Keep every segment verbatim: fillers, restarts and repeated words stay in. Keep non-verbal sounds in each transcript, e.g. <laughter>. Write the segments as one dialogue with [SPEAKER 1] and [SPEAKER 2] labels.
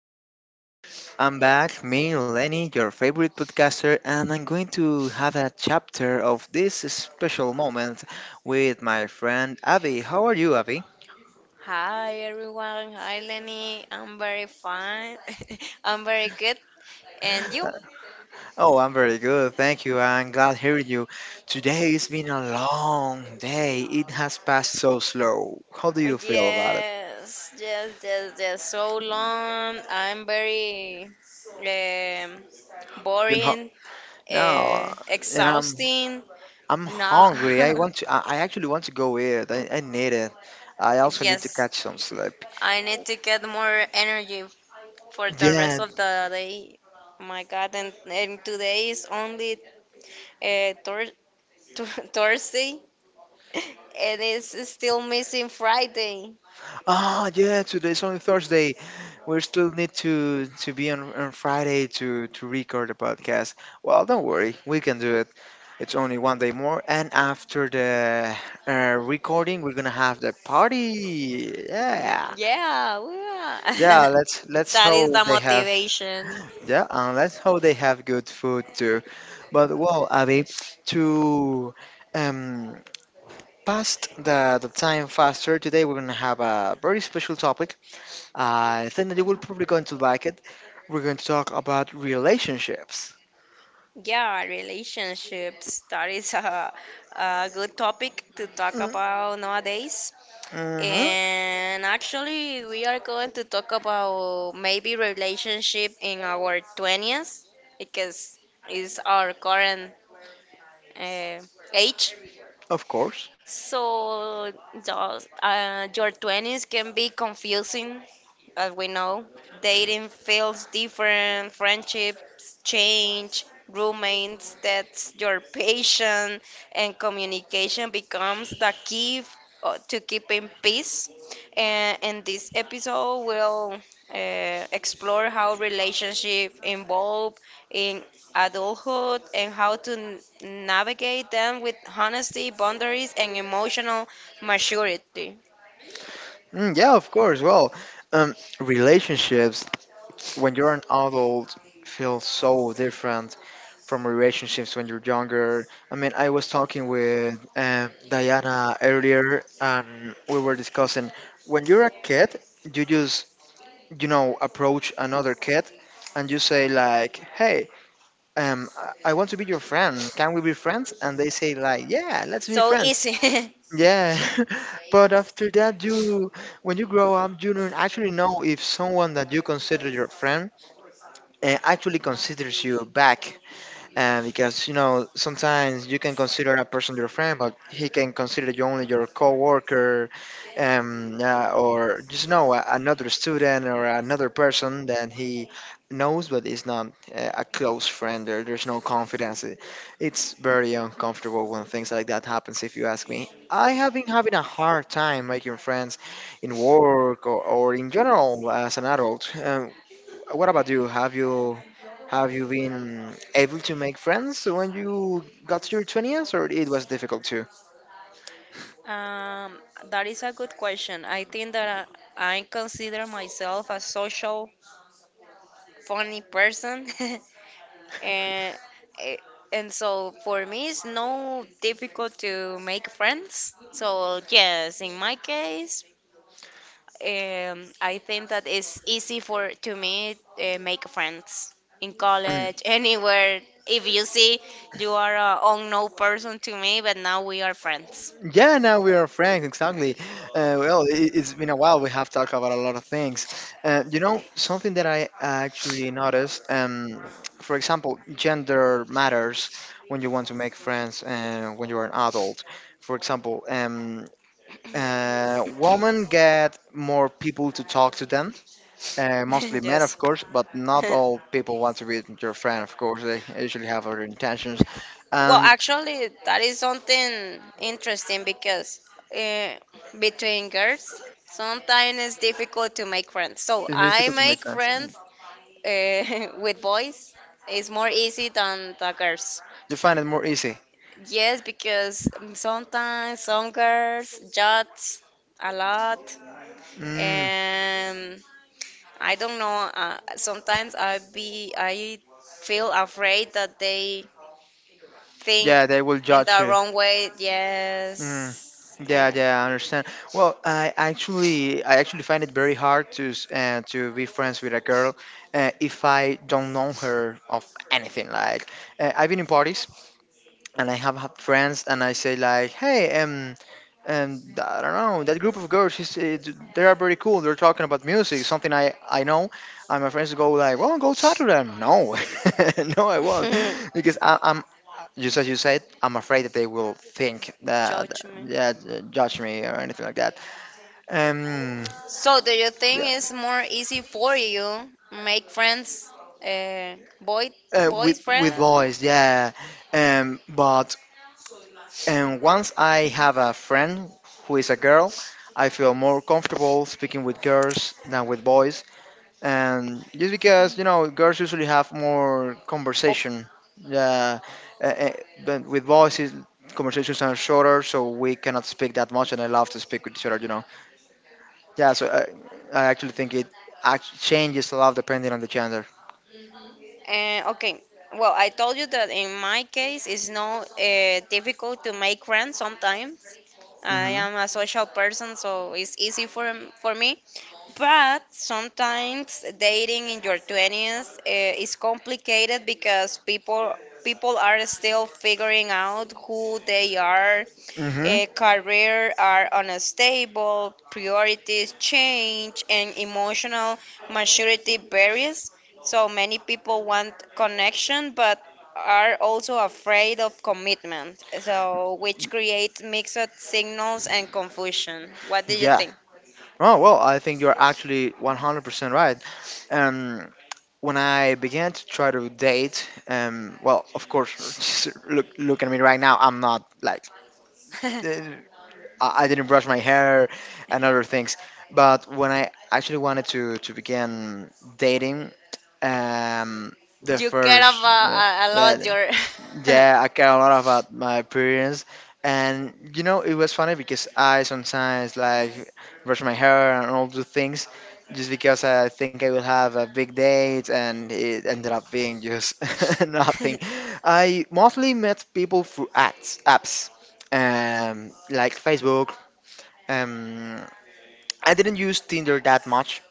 [SPEAKER 1] doing good. I'm back, me, Lenny, your favorite podcaster, and I'm going to have a chapter of this special moment with my friend Avi. How are you, Avi?
[SPEAKER 2] Hi everyone. Hi Lenny. I'm very fine. <laughs> I'm very good. And you?
[SPEAKER 1] Oh, I'm very good. Thank you. I'm glad hearing you. Today has been a long day. It has passed so slow. How do you feel about it?
[SPEAKER 2] Yes, yes, yes, yes. So long. I'm very um,
[SPEAKER 1] You're ho-
[SPEAKER 2] boring,
[SPEAKER 1] no,
[SPEAKER 2] uh,
[SPEAKER 1] and I'm
[SPEAKER 2] exhausting.
[SPEAKER 1] I'm
[SPEAKER 2] Now,
[SPEAKER 1] hungry. I want to. I I actually want to go eat. I, I need it. I
[SPEAKER 2] <laughs>
[SPEAKER 1] also need to
[SPEAKER 2] yes,
[SPEAKER 1] catch some sleep.
[SPEAKER 2] I need to get more energy for the
[SPEAKER 1] Yeah.
[SPEAKER 2] rest of the day. Oh my God, and, and today is only uh, Thur- <laughs> Thursday. And it's still missing Friday.
[SPEAKER 1] Oh, yeah. Today's only Thursday. We still need to to be on, on Friday to to record the podcast. Well, don't worry. We can do it. It's only one day more, and after the uh, recording, we're gonna have the party.
[SPEAKER 2] Mm,
[SPEAKER 1] Yeah.
[SPEAKER 2] yeah,
[SPEAKER 1] Yeah.
[SPEAKER 2] yeah.
[SPEAKER 1] Let's
[SPEAKER 2] <laughs>
[SPEAKER 1] let's
[SPEAKER 2] That is the
[SPEAKER 1] hope they have
[SPEAKER 2] motivation.
[SPEAKER 1] Yeah, and let's hope they have good food too. But well, Abby, to um, pass the, the time faster, today we're gonna have a very special topic. I think that you will probably going to like it. We're going to talk about relationships.
[SPEAKER 2] Yeah, relationships. That is a, a good topic to talk about nowadays.
[SPEAKER 1] Mm-hmm,
[SPEAKER 2] And actually, we are going to talk about maybe relationship in our twenties because it's our current uh, age.
[SPEAKER 1] of course.
[SPEAKER 2] So, those, uh, your twenties can be confusing, as we know. Dating feels different, friendships change, roommates, that's your patience, and communication becomes the key f- uh, to keeping peace. And, and this episode will uh, explore how relationship evolve, in adulthood and how to n- navigate them with honesty, boundaries, and emotional maturity.
[SPEAKER 1] Mm, yeah, of course. Well, um, relationships when you're an adult feels so different from relationships when you're younger. I mean, I was talking with uh, Diana earlier, and we were discussing when you're a kid, you just you know approach another kid, and you say like, "Hey, um, I I want to be your friend. Can we be friends?" And they say like, "Yeah, let's be
[SPEAKER 2] So
[SPEAKER 1] friends."
[SPEAKER 2] easy. <laughs>
[SPEAKER 1] Yeah, <laughs> but after that, you when you grow up, you don't actually know if someone that you consider your friend uh, actually considers you back uh, because you know sometimes you can consider a person your friend but he can consider you only your coworker um, uh, or just know a- another student or another person that he knows but is not uh, a close friend there, there's no confidence. It- it's very uncomfortable when things like that happens. If you ask me, I have been having a hard time making friends in work, or, or in general as an adult. Um, uh, What about you? Have you have you been able to make friends when you got to your twenties, or it was difficult too?
[SPEAKER 2] Um, that is a good question. I think that I, I consider myself a social, funny person, <laughs> and eh, and so for me, it's no difficult to make friends. So yes, in my case, Um, I think that it's easy for to me uh, make friends in
[SPEAKER 1] Mm.
[SPEAKER 2] college, <laughs> anywhere. If you see, you are a unknown person to me, but now we are friends.
[SPEAKER 1] Yeah, now we are friends, exactly. Uh, well, it, it's been a while. We have talked about a lot of things. Uh, you know, something that I actually noticed, um, for example, gender matters when you want to make friends uh, when you are an adult. For example, um, uh, women get more people to talk to them. Uh, mostly
[SPEAKER 2] <laughs>
[SPEAKER 1] men, of
[SPEAKER 2] Yes.
[SPEAKER 1] course, but not
[SPEAKER 2] <laughs>
[SPEAKER 1] all people want to be your friend, of course. They usually have other intentions,
[SPEAKER 2] Well,
[SPEAKER 1] and
[SPEAKER 2] actually, that is something interesting because uh, between girls, sometimes it's difficult to make friends. So
[SPEAKER 1] it's
[SPEAKER 2] I
[SPEAKER 1] difficult to make
[SPEAKER 2] make
[SPEAKER 1] friends. Mm.
[SPEAKER 2] friends uh, <laughs> with boys. It's more easy than the girls.
[SPEAKER 1] You find it more easy.
[SPEAKER 2] Yes, because um, sometimes some girls judge a lot,
[SPEAKER 1] Mm,
[SPEAKER 2] and I don't know. Uh, sometimes I be I feel afraid that they think
[SPEAKER 1] yeah, they will
[SPEAKER 2] in
[SPEAKER 1] judge
[SPEAKER 2] the
[SPEAKER 1] you.
[SPEAKER 2] wrong way.
[SPEAKER 1] Mm,
[SPEAKER 2] Yes,
[SPEAKER 1] yeah,
[SPEAKER 2] and
[SPEAKER 1] yeah, I understand. Well, I actually, I actually find it very hard to s- uh, to be friends with a girl uh, if I don't know her of anything. Like, uh, I've been in parties and I have had friends, and I say like, "Hey, um." And I don't know that group of girls. She's, it, they are very cool. They're talking about music, something I I know. And my friends go like, "Well, go talk to them." No, <laughs> no, I won't,
[SPEAKER 2] <laughs>
[SPEAKER 1] because I, I'm just as you said. I'm afraid that they will think that
[SPEAKER 2] judge me.
[SPEAKER 1] yeah, judge me or anything like that. Um,
[SPEAKER 2] So do you think
[SPEAKER 1] yeah,
[SPEAKER 2] it's more easy for you make friends, uh, boy
[SPEAKER 1] uh, with with
[SPEAKER 2] boyfriend,
[SPEAKER 1] boys, yeah. Um, but um, once I have a friend who is a girl, I feel more comfortable speaking with girls than with boys, and just because you know girls usually have more
[SPEAKER 2] or
[SPEAKER 1] conversation, yeah, uh, uh, but with boys conversations are shorter, so we cannot speak that much, and I love to speak with each other, you know. Yeah, so i, I actually think it act- changes a lot depending on the gender.
[SPEAKER 2] Uh, okay. Well, I told you that in my case, it's not uh, difficult to make friends sometimes. I
[SPEAKER 1] Hmm.
[SPEAKER 2] am a social person, so it's easy for for me. But sometimes dating in your twenties uh, is complicated because people people are still figuring out who they are.
[SPEAKER 1] Hmm.
[SPEAKER 2] A career are unstable, priorities change, and emotional maturity varies. So many people want connection but are also afraid of commitment, so which creates mixed signals and confusion. What do you
[SPEAKER 1] Yeah.
[SPEAKER 2] think?
[SPEAKER 1] Oh, well, I think you're actually one hundred percent right. um when I began to try to date, um, well, of course, <laughs> just look look at me right now. I'm not like
[SPEAKER 2] <laughs> You
[SPEAKER 1] eh, I, I didn't brush my hair and other things. But when I actually wanted to to begin dating, um, the
[SPEAKER 2] care
[SPEAKER 1] first
[SPEAKER 2] about
[SPEAKER 1] uh,
[SPEAKER 2] a, a
[SPEAKER 1] yeah,
[SPEAKER 2] lot your
[SPEAKER 1] yeah, I care a lot about my appearance. And you know it was funny because I sometimes like brush my hair and all do things just because I think I will have a big date and it ended up being just <laughs> nothing.
[SPEAKER 2] <laughs>
[SPEAKER 1] I mostly met people through ads apps, um, like Facebook. um, I didn't use Tinder that much.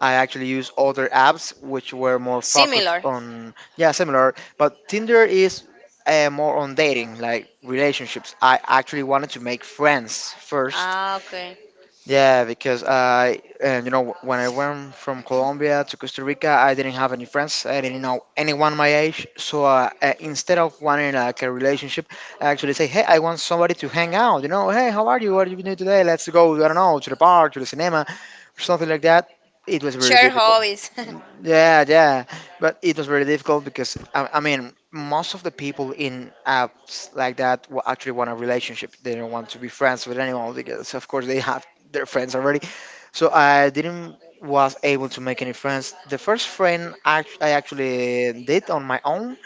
[SPEAKER 1] I actually use other apps which were more focused
[SPEAKER 2] similar.
[SPEAKER 1] on, yeah, similar. But Tinder is uh, more on dating, like relationships. I actually wanted to make friends first,
[SPEAKER 2] Ah, okay.
[SPEAKER 1] yeah, because I, uh, you know, when I went from Colombia to Costa Rica, I didn't have any friends. I didn't know anyone my age. So uh, uh, instead of wanting like a relationship, I actually say, hey, I want somebody to hang out. You know, hey, how are you? What are you doing today? Let's go. I don't know, to the bar, to the cinema, something like that. It was very
[SPEAKER 2] Share
[SPEAKER 1] difficult.
[SPEAKER 2] hobbies.
[SPEAKER 1] Yeah, yeah, but it was very difficult because I, I mean, most of the people in apps like that wa- actually want a relationship. They don't want to be friends with anyone because, of course, they have their friends already. So I didn't was able to make any friends. The first friend act- I actually did on my own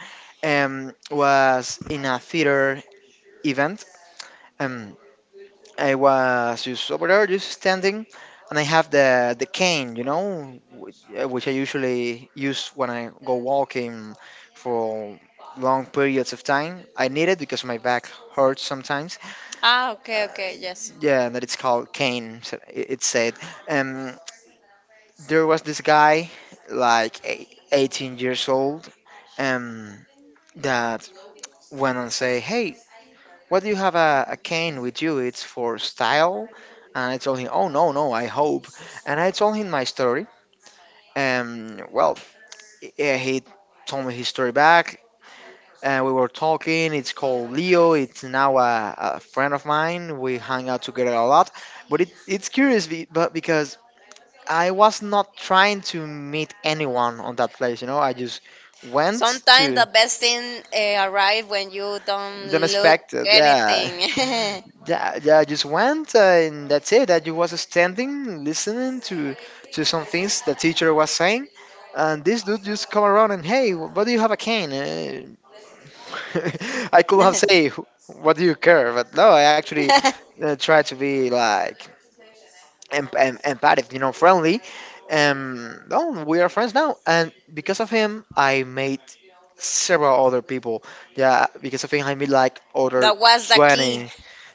[SPEAKER 1] um, was in a theater event. um, I was just over there, just standing, and I have the the cane, you know, which, uh, which I usually use when I go walking for long periods of time. I need it because my back hurts sometimes.
[SPEAKER 2] <laughs> Ah, okay,
[SPEAKER 1] Uh,
[SPEAKER 2] okay, yes.
[SPEAKER 1] yeah, that it's called cane. So it, it said. Um, there was this guy, like eight- eighteen years old, um, that went and say, "Hey, what do you have a, a cane with you? It's for style." And I told him, oh, no, no, I hope. And I told him my story. And well, eh, he told me his story back. And we were talking. It's called Leo. It's now a, a friend of mine. We hang out together a lot. But it, it's curious be, but because I was not trying to meet anyone on that place, you know, I just went
[SPEAKER 2] Sometimes
[SPEAKER 1] to
[SPEAKER 2] the best thing uh, arrive when you don't
[SPEAKER 1] the
[SPEAKER 2] look
[SPEAKER 1] unexpected. Yeah,
[SPEAKER 2] anything. <laughs>
[SPEAKER 1] yeah, yeah, I just went uh, and that's it. I just was standing, listening to to some things the teacher was saying, and this dude just come around and hey, what do you have a cane? Uh, <laughs> I could have
[SPEAKER 2] That
[SPEAKER 1] say, what do you care? But no, I actually uh, try to be like em- em- empathic, you know, friendly. Um, no, we are friends now, and because of him, I made several other people. Yeah, because of him, I made like other
[SPEAKER 2] was the key.
[SPEAKER 1] twenty.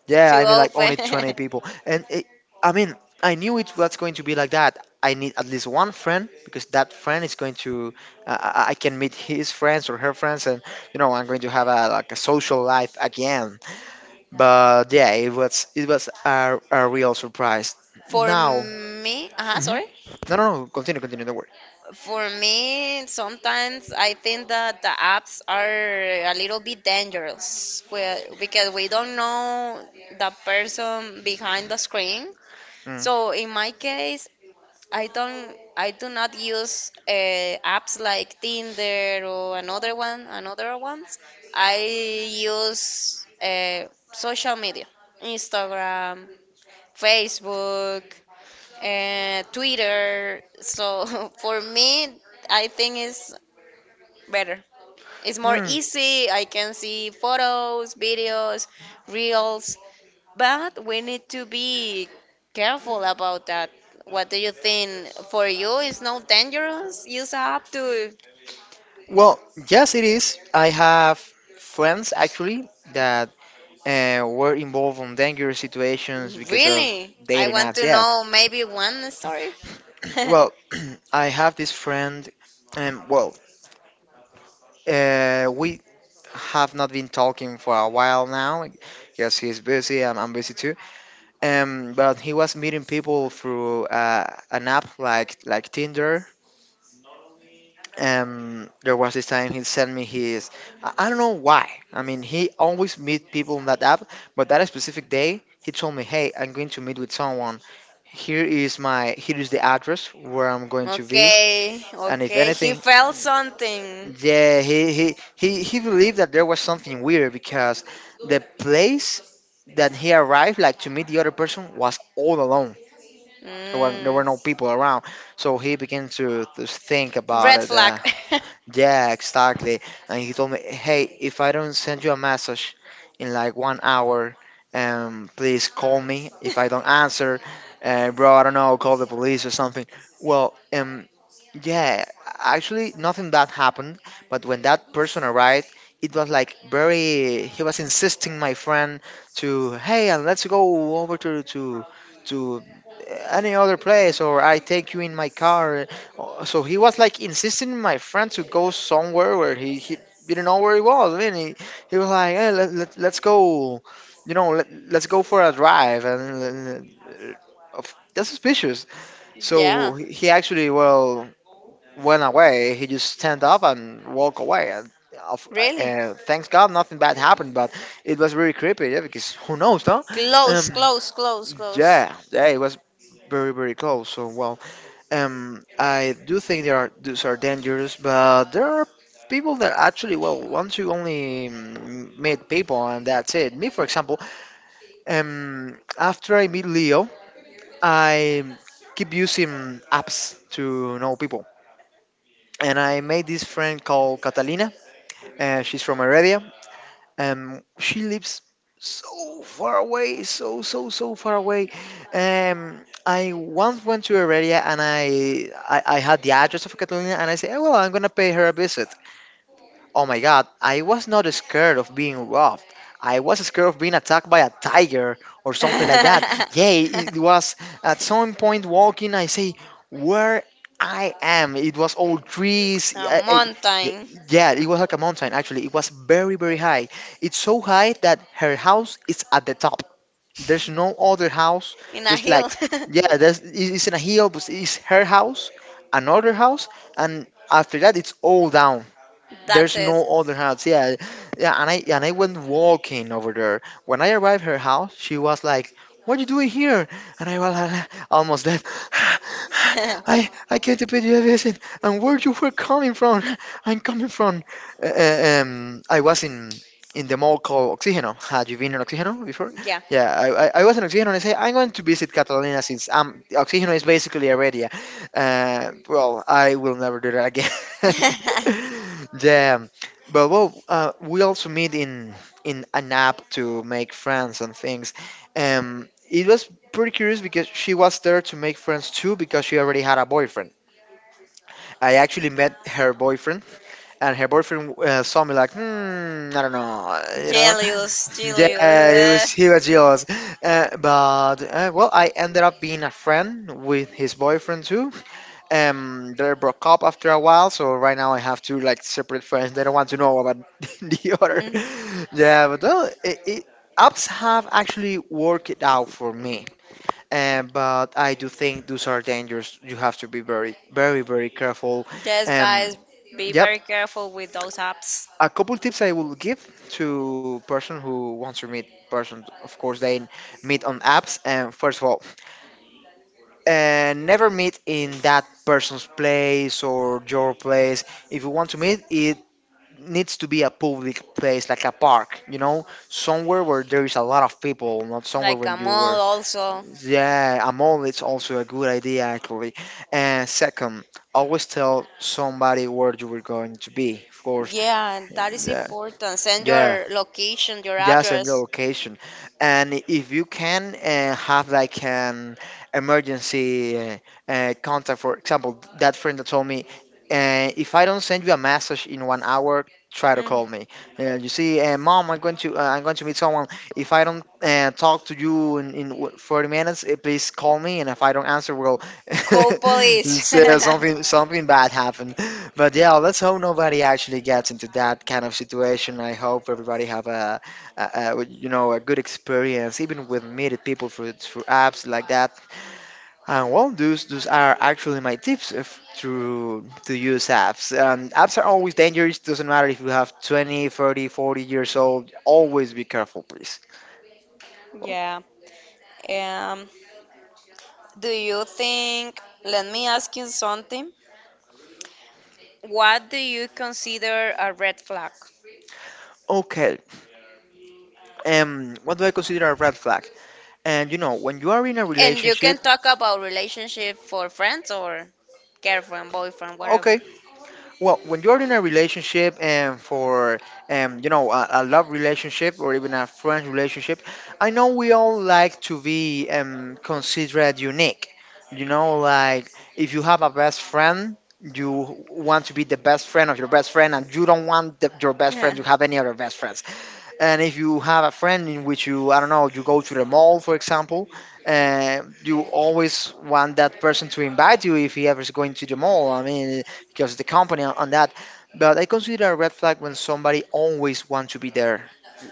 [SPEAKER 1] Yeah,
[SPEAKER 2] Too
[SPEAKER 1] I mean, like
[SPEAKER 2] open.
[SPEAKER 1] only twenty
[SPEAKER 2] <laughs>
[SPEAKER 1] people. And it, I mean, I knew it was going to be like that. I need at least one friend, because that friend is going to, uh, I I- can meet his friends or her friends, and you know, I'm going to have a like a social life again. But yeah, it was it was a, a real surprise.
[SPEAKER 2] For
[SPEAKER 1] Now,
[SPEAKER 2] me, uh
[SPEAKER 1] mhm.
[SPEAKER 2] sorry.
[SPEAKER 1] No, no, no, continue, continue, don't worry.
[SPEAKER 2] For me, sometimes I think that the apps are a little bit dangerous well, because we don't know the person behind the screen.
[SPEAKER 1] Mm.
[SPEAKER 2] So in my case, I don't, I do not use uh, apps like Tinder or another one, another ones. I use uh, social media, Instagram, Facebook, uh, Twitter. So <laughs> for me, I think it's better. It's more
[SPEAKER 1] Mm.
[SPEAKER 2] easy. I can see photos, videos, reels, but we need to be careful about that. What do you think? For you, it's not dangerous? You have to
[SPEAKER 1] Well, yes, it is. I have friends actually that uh, were involved in dangerous situations because of
[SPEAKER 2] really. I
[SPEAKER 1] dating
[SPEAKER 2] want
[SPEAKER 1] apps.
[SPEAKER 2] to
[SPEAKER 1] Yeah.
[SPEAKER 2] know maybe one story.
[SPEAKER 1] <clears throat> Well, <clears throat> I have this friend. Um, well, uh, we have not been talking for a while now because he's busy. I'm, I'm busy too. Um, but he was meeting people through uh, an app like like Tinder. Um, there was this time he sent me his. I, I don't know why. I mean, he always meet people on that app, but that specific day he told me, "Hey, I'm going to meet with someone. Here is my here is the address where I'm
[SPEAKER 2] <laughs>
[SPEAKER 1] going to be,
[SPEAKER 2] Okay,
[SPEAKER 1] and if
[SPEAKER 2] okay. He
[SPEAKER 1] anything..."
[SPEAKER 2] felt something.
[SPEAKER 1] Yeah, he he he, he believed that there was something weird because the place that he arrived like to meet the other person was all alone. There were, there
[SPEAKER 2] Mm.
[SPEAKER 1] were no people around, so he began to, to think about
[SPEAKER 2] Red
[SPEAKER 1] it. Uh,
[SPEAKER 2] flag.
[SPEAKER 1] yeah, exactly. And he told me, "Hey, if I don't send you a message in like one hour, um, please call me. If I don't answer, uh, bro, I don't know, call the police or something." Well, um, yeah, actually, nothing that happened. But when that person arrived, it was like very. He was insisting my friend to, "Hey, and let's go over to to to uh, any other place, or I take you in my car." Oh, so he was like insisting my friend to go somewhere where he, he didn't know where he was. I mean, he, he was like, hey, let, let, let's go, you know, let, let's go for a drive. And uh, of- that's suspicious.
[SPEAKER 2] <laughs> Yeah.
[SPEAKER 1] So he he actually, well, went away. He just stand up and walk away. And of,
[SPEAKER 2] Really?
[SPEAKER 1] uh, thanks God, nothing bad happened, but it was very creepy, yeah, because who knows, huh?
[SPEAKER 2] Close,
[SPEAKER 1] Um,
[SPEAKER 2] close, close, close.
[SPEAKER 1] yeah, yeah, it was very, very close. So, well, um, I do think there are those are dangerous, but there are people that actually well once you only mm, meet people and that's it. Me, for example, um, after I meet Leo, I keep using apps to know people, and I made this friend called Catalina. Uh, she's from Heredia. Um, she lives so far away, so so so far away. Um, I once went to her area and I, I I had the address of Catalina and I said, oh, well, I'm gonna pay her a visit. Oh my god, I was not scared of being robbed. I was scared of being attacked by a tiger or
[SPEAKER 2] <laughs>
[SPEAKER 1] something like that.
[SPEAKER 2] A
[SPEAKER 1] Yeah, it was at some point walking, I say, where I am. It was all trees. uh, uh, y-
[SPEAKER 2] mountain
[SPEAKER 1] Yeah, it was like a mountain actually. It was very, very high. It's so high that her house is at the top. There's no other house.
[SPEAKER 2] in a
[SPEAKER 1] There's like,
[SPEAKER 2] hill.
[SPEAKER 1] yeah, there's, it- it's in a hill, but it's her house, another house, and after that, it's all down.
[SPEAKER 2] <laughs> That's
[SPEAKER 1] There's
[SPEAKER 2] it.
[SPEAKER 1] no other house. Yeah, yeah. And I and I went walking over there. When I arrived her house, she was like, "What are you doing here?" And I was like, <laughs> almost dead. <sighs>
[SPEAKER 2] <laughs>
[SPEAKER 1] I I came to pay you a visit. And where you were coming from? <laughs> I'm coming from. Uh, uh, um, I was in in the mall called Oxígeno. Had you been in Oxígeno before?
[SPEAKER 2] Yeah.
[SPEAKER 1] Yeah, I, I, I was in Oxígeno and I say I'm going to visit Catalina since um Oxígeno is basically a um, well, I will never do that again.
[SPEAKER 2] <laughs>
[SPEAKER 1] <laughs> Yeah, but well, uh, we also meet in in an app to make friends and things. Um, it was pretty curious because she was there to make friends too because she already had a boyfriend. I actually met her boyfriend, and her boyfriend uh, saw me like, hmm, I don't know, <laughs> you know.
[SPEAKER 2] Jealous, jealous.
[SPEAKER 1] Yeah, it was he was jealous, uh, but uh, well, I ended up being a friend with his boyfriend too. Um they broke up after a while, so right now I have two like separate friends. They don't want to know about <laughs> the other.
[SPEAKER 2] <laughs>
[SPEAKER 1] Yeah, but well, it, it apps have actually worked it out for me. Um, but I do think those are dangers. You have to be very very very careful.
[SPEAKER 2] Yes,
[SPEAKER 1] um
[SPEAKER 2] guys, be
[SPEAKER 1] yep
[SPEAKER 2] very careful with those apps.
[SPEAKER 1] a couple tips I will give to person who wants to meet person. Of course, they meet on apps. And first of all, and never meet in that person's place or your place. If you want to meet, it needs to be a public place, like a park, you know, somewhere where there is a lot of people, not somewhere
[SPEAKER 2] Like a
[SPEAKER 1] when you were.
[SPEAKER 2] mall, also.
[SPEAKER 1] Yeah, a mall is also a good idea, actually. And second, always tell somebody where you were going to be, of course.
[SPEAKER 2] Yeah, that is
[SPEAKER 1] Yeah,
[SPEAKER 2] important. Send
[SPEAKER 1] yeah.
[SPEAKER 2] your location, your
[SPEAKER 1] Just a new
[SPEAKER 2] address.
[SPEAKER 1] location, and if you can uh, have like an emergency uh, uh, contact, for example, that friend that told me, uh, if I don't send you a message in one hour, try to call
[SPEAKER 2] Mm.
[SPEAKER 1] me. Uh, you see, uh, mom, I'm going to uh, I'm going to meet someone. If I don't uh, talk to you in, in w- forty minutes, uh, please call me, and if I don't answer, well, <laughs>
[SPEAKER 2] Call police.
[SPEAKER 1] it's, uh, something something bad happened. But yeah, let's hope nobody actually gets into that kind of situation. I hope everybody have a uh, uh, you know, a good experience even with meeting people through through apps like that. And well, those those are actually my tips if to to use apps, and apps are always dangerous. Doesn't matter if you have twenty, thirty, forty years old, always be careful, please.
[SPEAKER 2] <laughs>
[SPEAKER 1] Well,
[SPEAKER 2] Yeah. Um, Do you think, let me ask you something. What do you consider a red flag?
[SPEAKER 1] okay. Um what do I consider a red flag? And you know, when you are in a
[SPEAKER 2] And you
[SPEAKER 1] relationship,
[SPEAKER 2] can talk about relationship for friends or girlfriend, boyfriend, whatever.
[SPEAKER 1] okay. Well, when you're in a relationship and for um, you know, a, a love relationship or even a friend relationship, I know we all like to be um, considered unique. You know, like if you have a best friend, you want to be the best friend of your best friend, and you don't want the, your
[SPEAKER 2] <laughs>
[SPEAKER 1] best friend
[SPEAKER 2] to
[SPEAKER 1] to have any other best friends. And if you have a friend in which you I don't know you go to the mall, for example, uh, you always want that person to invite you if he ever is going to the mall. I mean, because the company on, on that. But I consider a red flag when somebody always wants to be there,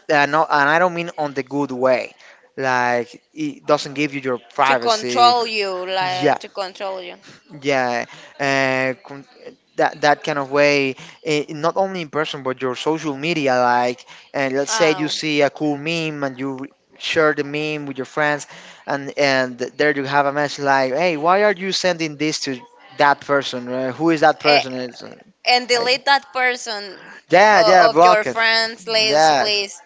[SPEAKER 1] and, no, and I don't mean on the good way, like it doesn't give you your privacy.
[SPEAKER 2] control you,
[SPEAKER 1] Yeah,
[SPEAKER 2] like to control you.
[SPEAKER 1] yeah, uh, that that kind of way. Eh, not only in person but your social media, like, and let's say you
[SPEAKER 2] Oh,
[SPEAKER 1] see a cool meme and you re- share the meme with your friends, and and there you have a message like, hey, why are you sending this to that person? Uh, who is that
[SPEAKER 2] eh,
[SPEAKER 1] person? It's, uh,
[SPEAKER 2] and
[SPEAKER 1] I,
[SPEAKER 2] delete that person
[SPEAKER 1] yeah, yeah,
[SPEAKER 2] o- of your
[SPEAKER 1] block it.
[SPEAKER 2] friends list,
[SPEAKER 1] Yeah,
[SPEAKER 2] please.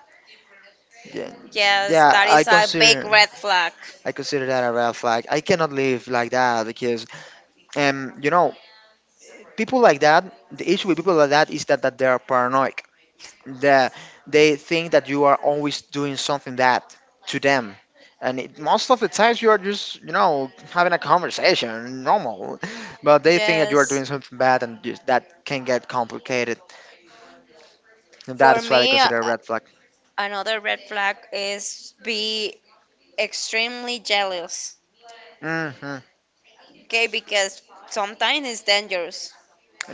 [SPEAKER 1] yeah.
[SPEAKER 2] Yes,
[SPEAKER 1] Yeah,
[SPEAKER 2] that
[SPEAKER 1] I
[SPEAKER 2] is a big
[SPEAKER 1] consider
[SPEAKER 2] red flag.
[SPEAKER 1] i consider that a red flag. I cannot live like that because um you know, people like that, the issue with people like that is that, that they are paranoid. the they think that you are always doing something that to them, and it, most of the times you are just, you know, having a conversation normal, but they think that you are
[SPEAKER 2] Yes,
[SPEAKER 1] doing something bad, and just, that can get complicated. And that
[SPEAKER 2] for
[SPEAKER 1] is what I
[SPEAKER 2] me, a-
[SPEAKER 1] consider a
[SPEAKER 2] a-
[SPEAKER 1] red flag.
[SPEAKER 2] another red flag is be extremely jealous.
[SPEAKER 1] Hmm.
[SPEAKER 2] Okay, because sometimes it's dangerous.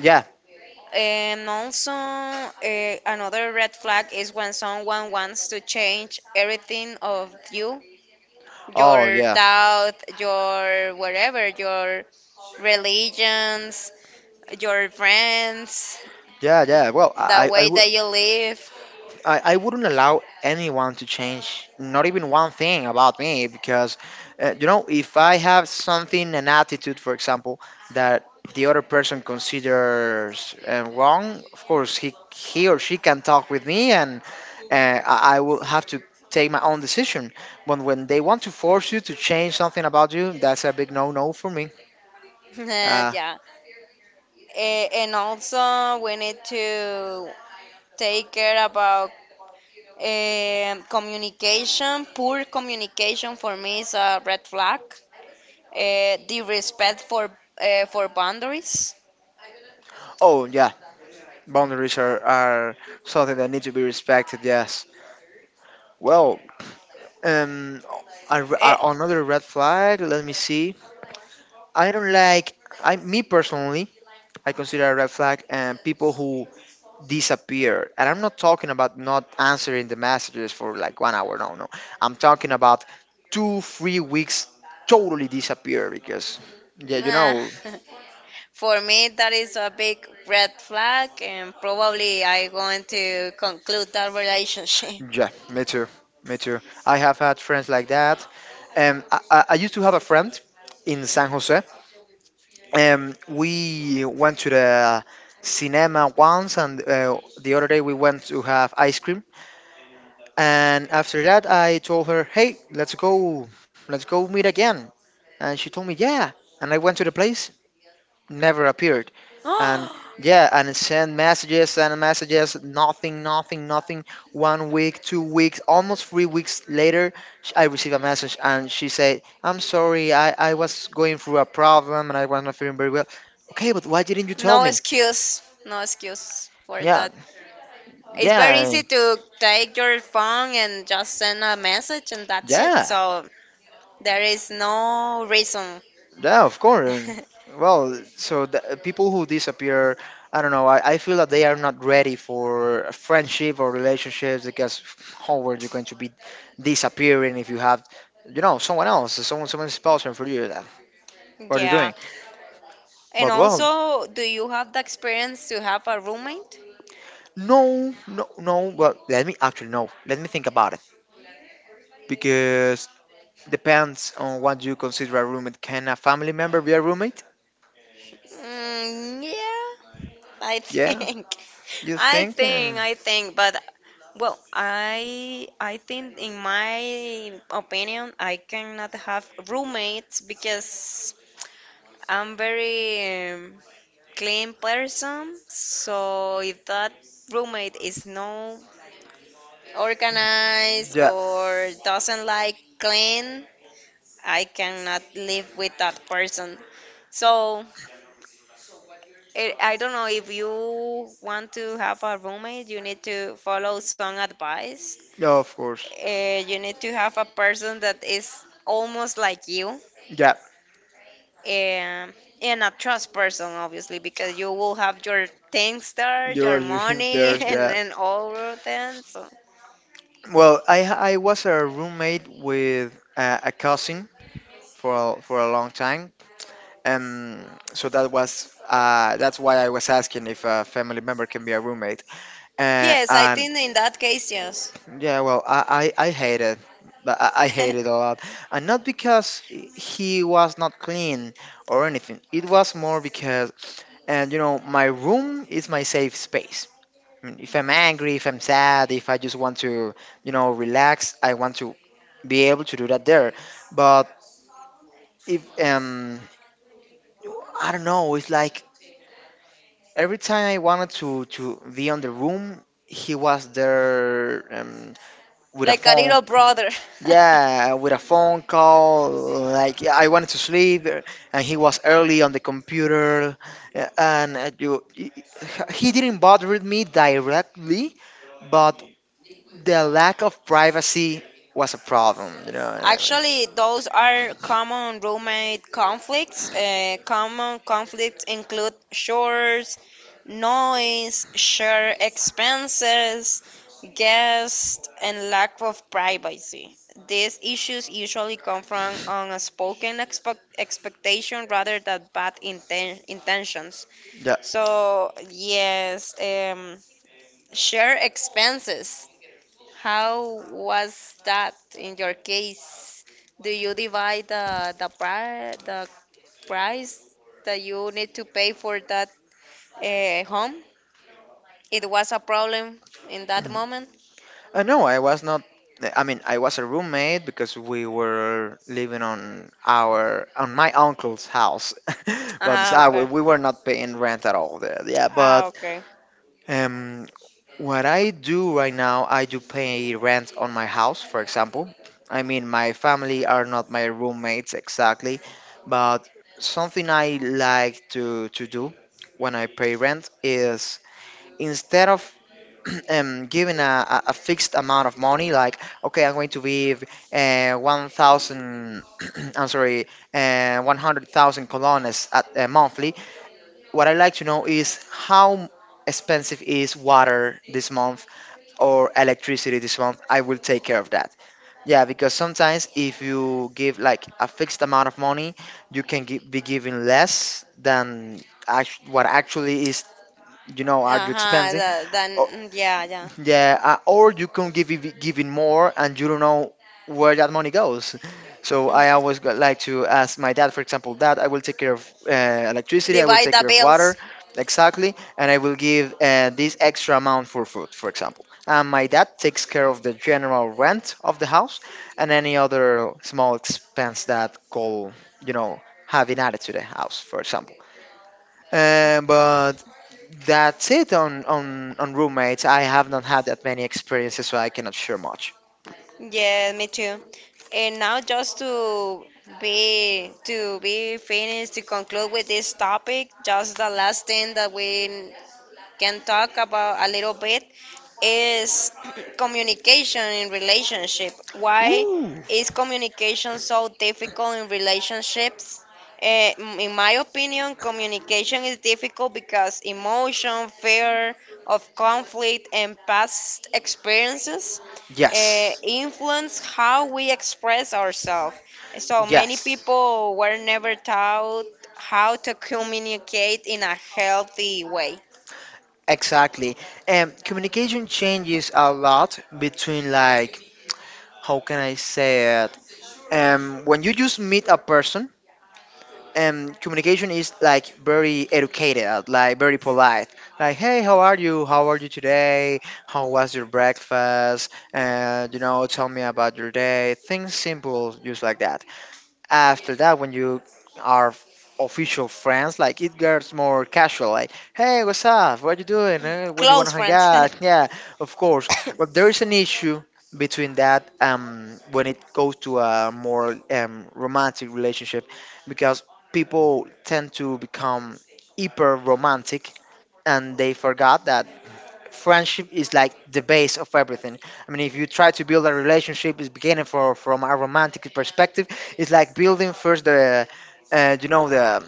[SPEAKER 1] Yeah.
[SPEAKER 2] And also, eh, another red flag is when someone wants to change everything of you,
[SPEAKER 1] Oh
[SPEAKER 2] your
[SPEAKER 1] yeah.
[SPEAKER 2] thought, your whatever, your religions, your friends,
[SPEAKER 1] Yeah, yeah, well,
[SPEAKER 2] the
[SPEAKER 1] i i I
[SPEAKER 2] way
[SPEAKER 1] would.
[SPEAKER 2] that you live.
[SPEAKER 1] I, I wouldn't allow anyone to change not even one thing about me because uh, you know, if I have something, an attitude, for example, that the other person considers uh, wrong, of course he he or she can talk with me, and uh, I, I will have to take my own decision. But when they want to force you to change something about you, that's a big no-no for me.
[SPEAKER 2] <laughs>
[SPEAKER 1] Uh,
[SPEAKER 2] Yeah. Eh, and also, we need to take care about Um, communication, poor communication for me is a red flag. Uh, the respect for uh, for boundaries.
[SPEAKER 1] oh yeah, boundaries are, are something that need to be respected, yes. Well, Um, a,
[SPEAKER 2] Eh,
[SPEAKER 1] a- another red flag. Let me see. I don't like. I Me personally, I consider a red flag and people who disappear. And I'm not talking about not answering the messages for like one hour. No, no. I'm talking about two, three weeks totally disappear because yeah, you
[SPEAKER 2] nah.
[SPEAKER 1] know.
[SPEAKER 2] <laughs> For me, that is a big red flag, and probably I going to conclude that relationship.
[SPEAKER 1] Yeah, me too. Me too. I have had friends like that. Um, I, I I used to have a friend in San Jose. Um, we went to the cinema once, and uh, the other day we went to have ice cream. And after that, I told her, "Hey, let's go, let's go meet again." And she told me, "Yeah." And I went to the place, never appeared.
[SPEAKER 2] <gasps> No
[SPEAKER 1] And yeah, and it sent messages and messages, nothing, nothing, nothing. One week, two weeks, almost three weeks later, sh- I received a message and she said, I'm sorry, I, I was going through a problem and I was not feeling very well. Okay, but why didn't you tell me?
[SPEAKER 2] excuse, no excuse for
[SPEAKER 1] Yeah,
[SPEAKER 2] that. It's very
[SPEAKER 1] yeah,
[SPEAKER 2] easy to take your phone and just send a message, and that's it.
[SPEAKER 1] yeah.
[SPEAKER 2] So there is no reason.
[SPEAKER 1] Yeah, of course. I mean,
[SPEAKER 2] <laughs>
[SPEAKER 1] well, so the people who disappear, I don't know. I, I feel that they are not ready for a friendship or relationships because how are you going to be disappearing if you have, you know, someone else, someone, someone sponsoring for you? That what are you
[SPEAKER 2] Yeah.
[SPEAKER 1] doing?
[SPEAKER 2] And
[SPEAKER 1] But well,
[SPEAKER 2] also, do you have the experience to have a roommate?
[SPEAKER 1] no, no, no. Well, let me actually no. Let me think about it because depends on what you consider a roommate. Can a family member be a roommate?
[SPEAKER 2] Mm, yeah, I
[SPEAKER 1] Yeah,
[SPEAKER 2] think. <laughs>
[SPEAKER 1] you
[SPEAKER 2] I
[SPEAKER 1] think?
[SPEAKER 2] think,
[SPEAKER 1] And
[SPEAKER 2] I think, but well, I I think in my opinion, I cannot have roommates because I'm very um, clean person. So if that roommate is no organized
[SPEAKER 1] yeah,
[SPEAKER 2] or doesn't like clean, I cannot live with that person. So it, I don't know if you want to have a roommate, you need to follow some advice.
[SPEAKER 1] yeah, of course.
[SPEAKER 2] Uh, you need to have a person that is almost like you,
[SPEAKER 1] Yeah,
[SPEAKER 2] and and a trust person, obviously, because you will have your things there,
[SPEAKER 1] you're
[SPEAKER 2] your
[SPEAKER 1] <laughs> living
[SPEAKER 2] money,
[SPEAKER 1] there,
[SPEAKER 2] <laughs> and,
[SPEAKER 1] yeah.
[SPEAKER 2] and all of that. So
[SPEAKER 1] Well, I I was a roommate with uh, a cousin for a, for a long time, um. So that was uh that's why I was asking if a family member can be a roommate. Uh,
[SPEAKER 2] yes, I
[SPEAKER 1] and
[SPEAKER 2] think in that case, yes,
[SPEAKER 1] yeah, well, I I, I hate it. But I I hate it a
[SPEAKER 2] <laughs>
[SPEAKER 1] lot, and not because he was not clean or anything. It was more because, and you know, my room is my safe space. Mm, if I'm angry, if I'm sad, if I just want to, you know, relax, I want to be able to do that there. But if um, I don't know, it's like every time I wanted to to be on the room, he was there um, with a
[SPEAKER 2] like a
[SPEAKER 1] phone.
[SPEAKER 2] little brother. <laughs>
[SPEAKER 1] Yeah, with a phone call. Like I wanted to sleep, uh, and he was early on the computer, uh, and uh, you, he he didn't bother with me directly, but the lack of privacy was a problem you know and I mean,
[SPEAKER 2] Actually, those are common roommate conflicts. Uh, common conflicts include chores, noise, shared expenses, guests, and lack of privacy. These issues usually come from unspoken expe- expectation rather than bad inten- intentions. So, yes, um, shared expenses. How was that in your case? Do you divide the the, pri the price that you need to pay for that uh, home? It was a problem in that
[SPEAKER 1] yeah.
[SPEAKER 2] moment.
[SPEAKER 1] <clears throat> uh, no I was not. I mean, I was a roommate because we were living on our on my uncle's house. <laughs> But
[SPEAKER 2] Ah,
[SPEAKER 1] uh, we
[SPEAKER 2] okay.
[SPEAKER 1] we were not paying rent at all there, yeah.
[SPEAKER 2] Ah,
[SPEAKER 1] but
[SPEAKER 2] okay.
[SPEAKER 1] um what I do right now, I do pay rent on my house, for example. I mean, my family are not my roommates exactly, but something I like to to do when I pay rent is, instead of <clears throat> um, giving a, a a fixed amount of money, like, okay, I'm going to give uh, one thousand, <clears throat> I'm sorry, uh, one hundred thousand colones at uh, monthly. What I like to know is how expensive is water this month or electricity this month. I will take care of that. Yeah, because sometimes if you give like a fixed amount of money, you can gi- be giving less than act- what actually is. You know, are you
[SPEAKER 2] Uh-huh.
[SPEAKER 1] expensing?
[SPEAKER 2] The, then
[SPEAKER 1] Or,
[SPEAKER 2] mm, yeah, yeah.
[SPEAKER 1] yeah, uh, or you can give it- giving more and you don't know where that money goes. So I
[SPEAKER 2] Mhm.
[SPEAKER 1] always go- like to ask my dad, for example, Dad, I will take care of uh, electricity, I will
[SPEAKER 2] Divide
[SPEAKER 1] take
[SPEAKER 2] the
[SPEAKER 1] care of water,
[SPEAKER 2] bills.
[SPEAKER 1] exactly, and I will give uh, this extra amount for food, for example. And my dad takes care of the general rent of the house and any other small expense that go, you know, having added to the house, for example. Um, but that's it on, on, on roommates. I have not had that many experiences, so I cannot share much.
[SPEAKER 2] Yeah, me too. And now just to be to be finished to conclude with this topic, just the last thing that we can talk about a little bit is <clears throat> communication in relationship. Why
[SPEAKER 1] Ooh.
[SPEAKER 2] is communication so difficult in relationships? Eh, m- in my opinion, communication is difficult because emotion, fear of conflict, and past experiences uh,
[SPEAKER 1] Yes,
[SPEAKER 2] influence how we express ourselves. So many
[SPEAKER 1] yes,
[SPEAKER 2] people were never taught how to communicate in a healthy way.
[SPEAKER 1] exactly. And communication changes a lot between, like, how can I say it? Um, when you just meet a person, um, communication is like very educated, like very polite. Like, hey, how are you? How are you today? How was your breakfast? And, you know, tell me about your day. Things simple, just like that. After that, when you are f- official friends, like, it gets more casual, like, hey, what's up, what you doing, eh? What you want
[SPEAKER 2] Close
[SPEAKER 1] to hang
[SPEAKER 2] friends. <laughs>
[SPEAKER 1] out? Yeah, of course. But there is an issue between that, um when it goes to a more um, romantic relationship, because people tend to become hyper romantic and they forgot that friendship is like the base of everything. I mean, if you try to build a relationship, it's beginning for from a romantic perspective. It's like building first the, uh, you know the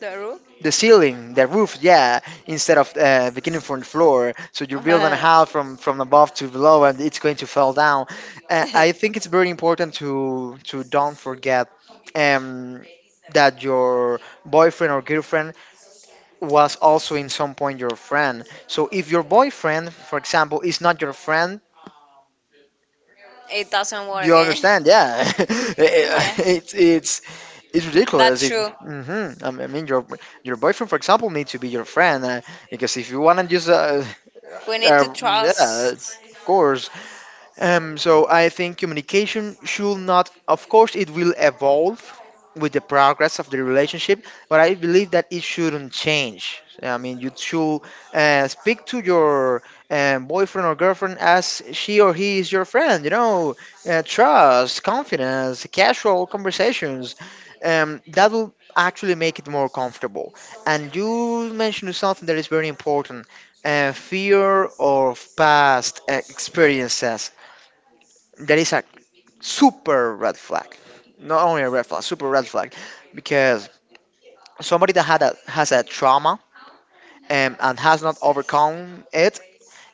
[SPEAKER 2] The rule?
[SPEAKER 1] the ceiling, the roof, yeah, instead of uh, beginning from the floor. So you build on a
[SPEAKER 2] Uh,
[SPEAKER 1] house from from above to below, and it's going to fall down. Uh, I
[SPEAKER 2] <laughs>
[SPEAKER 1] think it's very important to to don't forget um, that your boyfriend or girlfriend was also in some point your friend. So if your boyfriend, for example, is not your friend,
[SPEAKER 2] it doesn't work.
[SPEAKER 1] you
[SPEAKER 2] Eh?
[SPEAKER 1] understand?
[SPEAKER 2] <laughs>
[SPEAKER 1] Yeah, <laughs>
[SPEAKER 2] Yeah.
[SPEAKER 1] it's it's it's ridiculous.
[SPEAKER 2] That's
[SPEAKER 1] If
[SPEAKER 2] true.
[SPEAKER 1] hmm I mean I mean, your your boyfriend, for example, needs to be your friend uh, because if you want to just uh,
[SPEAKER 2] We need
[SPEAKER 1] uh,
[SPEAKER 2] to
[SPEAKER 1] yeah,
[SPEAKER 2] trust.
[SPEAKER 1] of course. Um, so I think communication should not, of course, it will evolve with the progress of the relationship, but I believe that it shouldn't change. I mean, you should uh, speak to your um, boyfriend or girlfriend as she or he is your friend. You know, uh, trust, confidence, casual conversations. Um, that will actually make it more comfortable. And you mentioned something that is very important: uh, fear of past uh, experiences. That is a super red flag. Not only a red flag, super red flag, because somebody that had a, has a trauma and, and has not overcome it,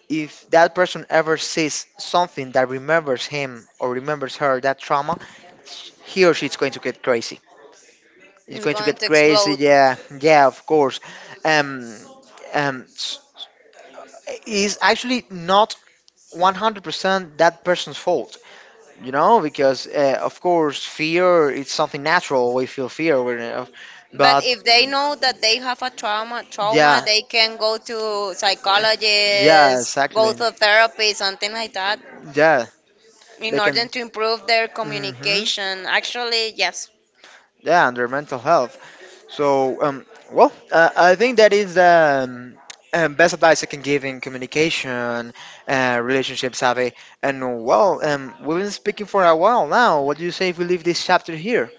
[SPEAKER 1] if that person ever sees something that remembers him or remembers her that trauma, he or she is going to get crazy. It's
[SPEAKER 2] It's
[SPEAKER 1] going to
[SPEAKER 2] going
[SPEAKER 1] get
[SPEAKER 2] to
[SPEAKER 1] crazy.
[SPEAKER 2] explode.
[SPEAKER 1] Yeah, yeah, of course. Um, um, s- is actually not one hundred percent that person's fault. You know, because uh, of course fear, it's something natural, we feel fear when, uh,
[SPEAKER 2] But
[SPEAKER 1] but
[SPEAKER 2] if they know that they have a trauma, trauma,
[SPEAKER 1] yeah,
[SPEAKER 2] they can go to
[SPEAKER 1] yeah,
[SPEAKER 2] psychologists, go
[SPEAKER 1] exactly,
[SPEAKER 2] to therapy, something like that,
[SPEAKER 1] yeah,
[SPEAKER 2] in
[SPEAKER 1] they
[SPEAKER 2] order
[SPEAKER 1] can.
[SPEAKER 2] to improve their
[SPEAKER 1] Hmm.
[SPEAKER 2] communication. Actually, yes.
[SPEAKER 1] Yeah, and their mental health. So um well, uh, I think that is um um, best advice I can give in communication, uh, relationship savvy, and well, um, we've been speaking for a while now. What do you say if we leave this chapter here?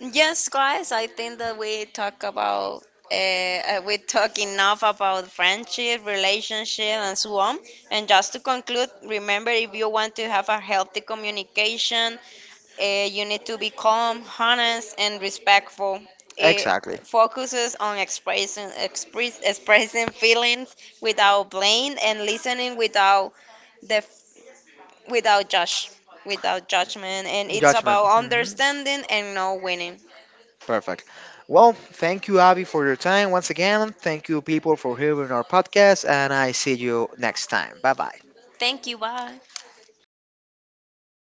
[SPEAKER 2] Yes, guys, I think that we talk about uh, uh, we talk enough about friendship, relationship, and so on. And just to conclude, remember if you want to have a healthy communication, uh, you need to be calm, honest, and respectful. It
[SPEAKER 1] Exactly,
[SPEAKER 2] focuses on expressing express, expressing feelings without blame and listening without the without judge without judgment. And it's
[SPEAKER 1] judgment.
[SPEAKER 2] about
[SPEAKER 1] Mhm.
[SPEAKER 2] understanding and not winning.
[SPEAKER 1] Perfect. Well, thank you, Abby, for your time once again. Thank you, people, for hearing our podcast, and I see you next time. Bye bye.
[SPEAKER 2] Thank you. Bye.